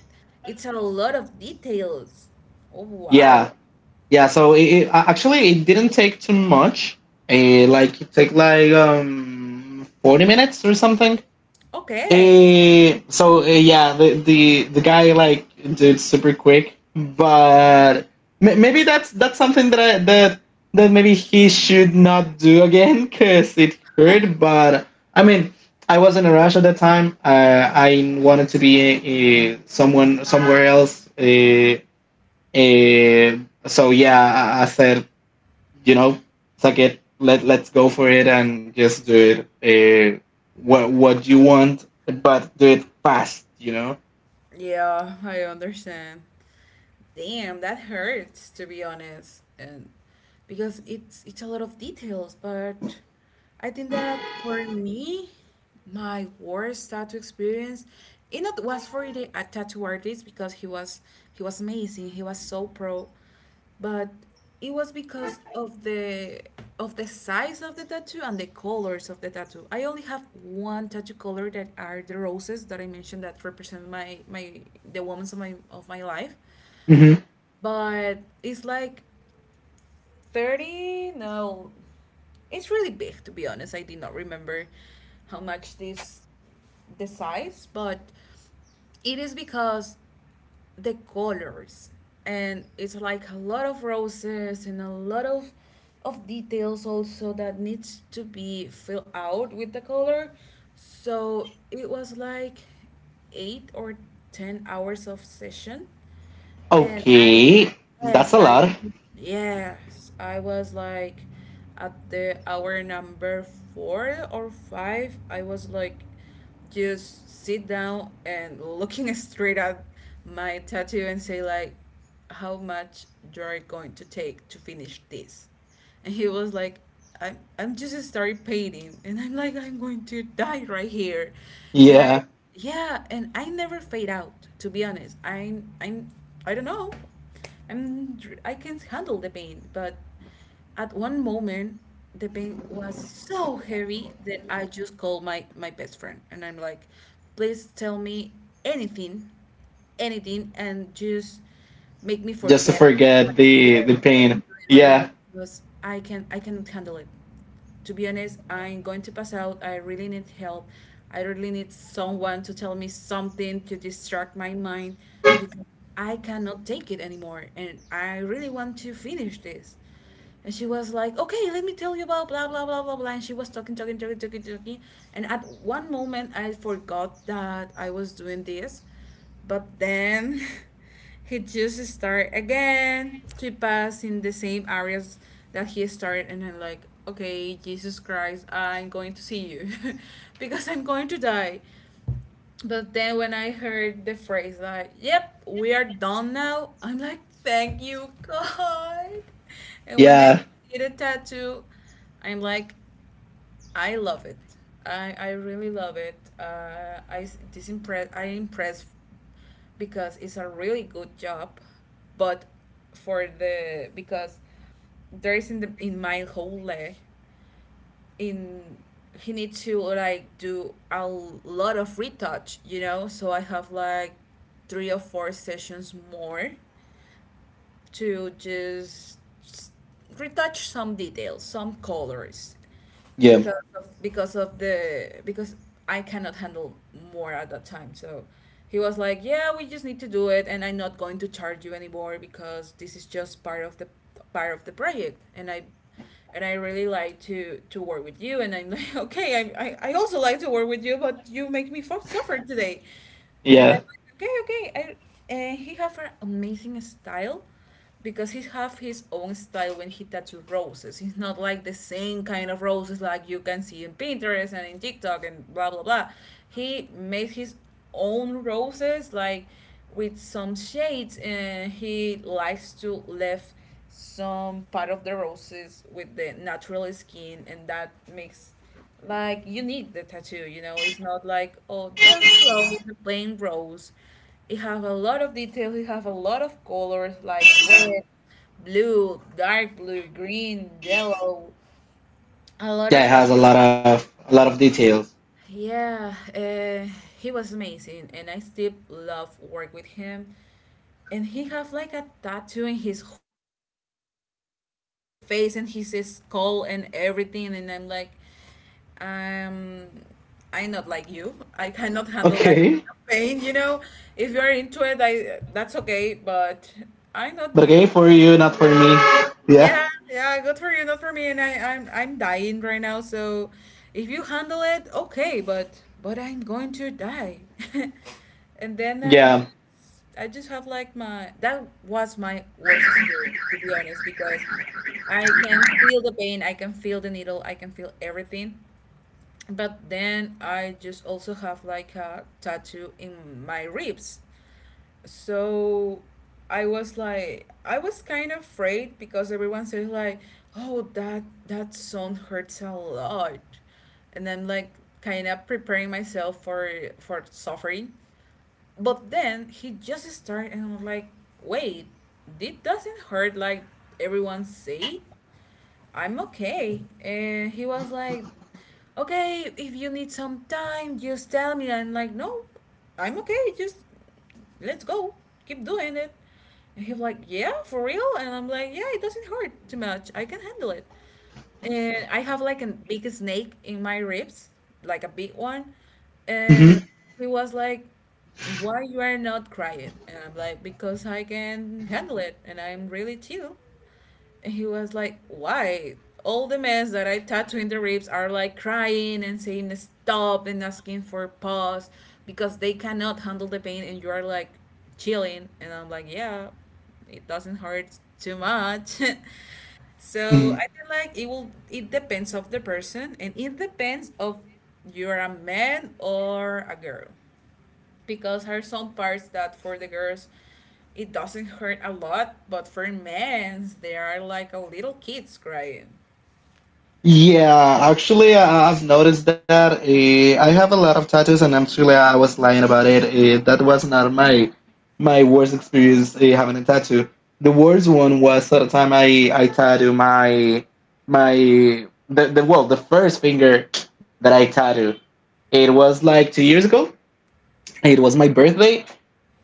it's a lot of details. Oh,
Yeah,
wow.
yeah. So actually it didn't take too much. Like it took like 40 minutes or something.
Okay.
Yeah, the guy like did super quick, but ma- maybe that's something that that maybe he should not do again because it hurt. But I mean, I was in a rush at that time. I wanted to be someone somewhere else. Uh, so yeah, I said, you know, suck it. Let let's go for it and just do it. What you want, but do it fast. You know.
Yeah, I understand. Damn, that hurts, to be honest, and because it's a lot of details. But I think that for me, my worst tattoo experience, it not was for the a tattoo artist because he was amazing. He was so pro, but it was because of the size of the tattoo and the colors of the tattoo. I only have one tattoo color that are the roses that I mentioned that represent my the women of my life,
Hmm.
but it's like 30 no it's really big, to be honest. I did not remember how much this, the size, but it is because the colors, and it's like a lot of roses and a lot of details also that needs to be filled out with the color, so it was like 8 or 10 hours of session. And
Okay, that's
yes,
a lot.
yes, I was like at the hour number four or five, I was like just sit down and looking straight at my tattoo and say like, how much you're going to take to finish this? And he was like, I'm just started painting, and I'm like, I'm going to die right here. And I
Yeah,
Yeah, and I never fade out, to be honest. I'm, I don't know, I can handle the pain, but at one moment the pain was so heavy that I just called my best friend, and I'm like, please, tell me anything, anything, and just make me
just to
forget.
forget
Yes,
the
what
pain.
I'm doing right now,
Yeah,
because I can, I cannot handle it. To be honest, I'm going to pass out. I really need help. I really need someone to tell me something to distract my mind because I cannot take it anymore and I really want to finish this. And she was like, okay, let me tell you about blah, blah, blah, blah, blah. And she was talking, talking, talking, talking, talking. And at one moment, I forgot that I was doing this. But then he just started again to pass in the same areas that he started, and I'm like, okay, Jesus Christ, I'm going to see you, because I'm going to die. But then when I heard the phrase like, yep, we are done now, I'm like, thank you, God. And when I
yeah,
see a tattoo, I'm like, I love it. I really love it. This impress I impressed because it's a really good job, but for the because there is in the in my whole leg, in he needs to like do a lot of retouch, you know. So I have like three or four sessions more to just retouch some details, some colors,
yeah,
because of the because I cannot handle more at that time. So he was like, yeah, we just need to do it, and I'm not going to charge you anymore because this is just part of the project. And I, and I really like to work with you. And I'm like, okay, I, I also like to work with you, but you make me suffer today. And
yeah,
I'm like, okay, okay. I, and he have an amazing style because he have his own style when he tattoo roses. It's not like the same kind of roses like you can see in Pinterest and in TikTok and blah blah blah. He made his own roses like with some shades, and he likes to leave some part of the roses with the natural skin, and that makes like unique the tattoo, you know. It's not like, oh, just the rose, the plain rose. It have a lot of details, it have a lot of colors, like red, blue, dark blue, green, yellow, a lot of
yeah. It
things.
has a lot of details.
Yeah, he was amazing, and I still love work with him. And he have like a tattoo in his whole face, you know, his face and his skull and everything. And I'm like, um, I'm not like you. I cannot handle that
Okay,
kind of pain, you know. If you are into it, I, that's okay, but I'm not
but okay
you.
for you, not for me. Yeah,
Yeah, yeah, good for you, not for me. And I'm dying right now, so if you handle it, okay, but I'm going to die. And then
yeah.
I just have like my, that was my worst experience, to be honest, because I can feel the pain, I can feel the needle, I can feel everything. But then I just also have like a tattoo in my ribs, so I was like I was kind of afraid because everyone says like, oh, that song hurts a lot, and I'm like kind of preparing myself for suffering. But then he just started and I am like, wait, it doesn't hurt like everyone say. I'm okay. And he was like, okay, if you need some time, just tell me. I'm like, no, I'm okay, just let's go, keep doing it. And he's like, yeah, for real. And I'm like, yeah, it doesn't hurt too much, I can handle it. And I have like a big snake in my ribs, like a big one. And
Hmm.
he was like, why you are not crying? And I'm like, because I can handle it, and I'm really chill. He was like, why? All the mess that I tattoo in the ribs are like crying and saying stop and asking for pause because they cannot handle the pain, and you are like chilling. And I'm like, yeah, it doesn't hurt too much. So I feel like it will, it depends of the person, and it depends of you're a man or a girl, because there are some parts that for the girls it doesn't hurt a lot, but for men they are like a little kids crying.
Yeah, actually, I- I've noticed that. I have a lot of tattoos, and actually, I was lying about it. That was not my my worst experience having a tattoo. The worst one was at the time I tattooed my the well the first finger that I tattooed. It was like 2 years ago. It was my birthday,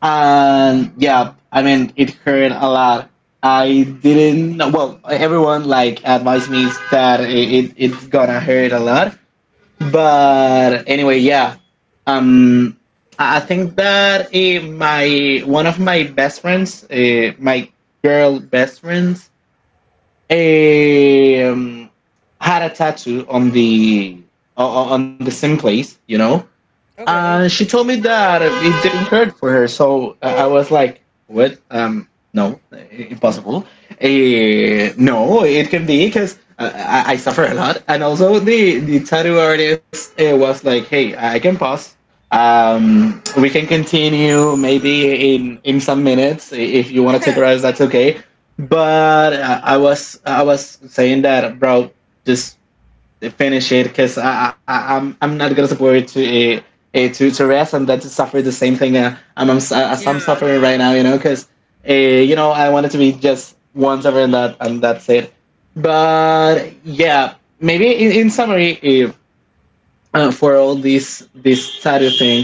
and yeah, I mean it hurt a lot. I didn't, well, everyone like advised me that it's gonna hurt a lot, but anyway, yeah. um i I think that eh, my one of my best friends, my girl best friends, eh, um, had a tattoo on the on the same place, you know.
Okay.
She told me that it didn't hurt for her, so I was like, "What? No, I- impossible. No, it can be because I suffer a lot." And also, the tattoo artist was like, "Hey, I can pause. We can continue maybe in some minutes I- if you want to take a rest. That's okay." But I was saying that, bro. Just finish it because I'm not gonna support to uh, to rest and then to suffer the same thing I'm, s- as I'm
Yeah.
suffering right now, you know, because you know I wanted to be just once ever and that and that's it. But yeah, maybe in summary, if, for all this this sad thing,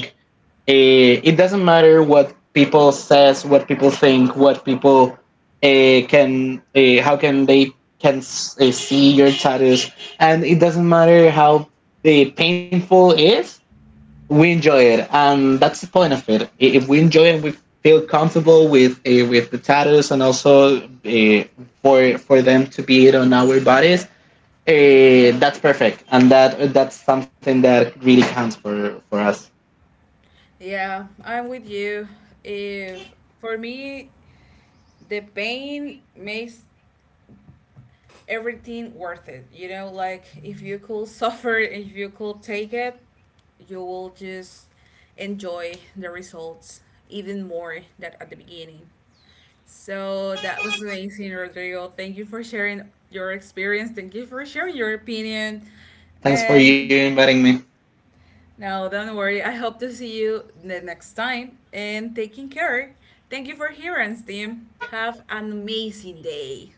it doesn't matter what people says, what people think, what people how can they see your tattoos, and it doesn't matter how painful it is. We enjoy it, and that's the point of it. I- If we enjoy it, we feel comfortable with the tattoos, and also for them to be it on our bodies. That's perfect, and that that's something that really counts for us.
Yeah, I'm with you. If, for me, the pain makes everything worth it. You know, like if you could suffer, if you could take it, you will just enjoy the results even more than at the beginning. So that was amazing, Rodrigo. Thank you for sharing your experience. Thank you for sharing your opinion.
Thanks for you
And thank-
inviting me.
no, don't worry. I hope to see you the next time. And taking care. Thank you for hearing, team. Have an amazing day.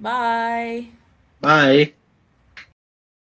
Bye.
Bye.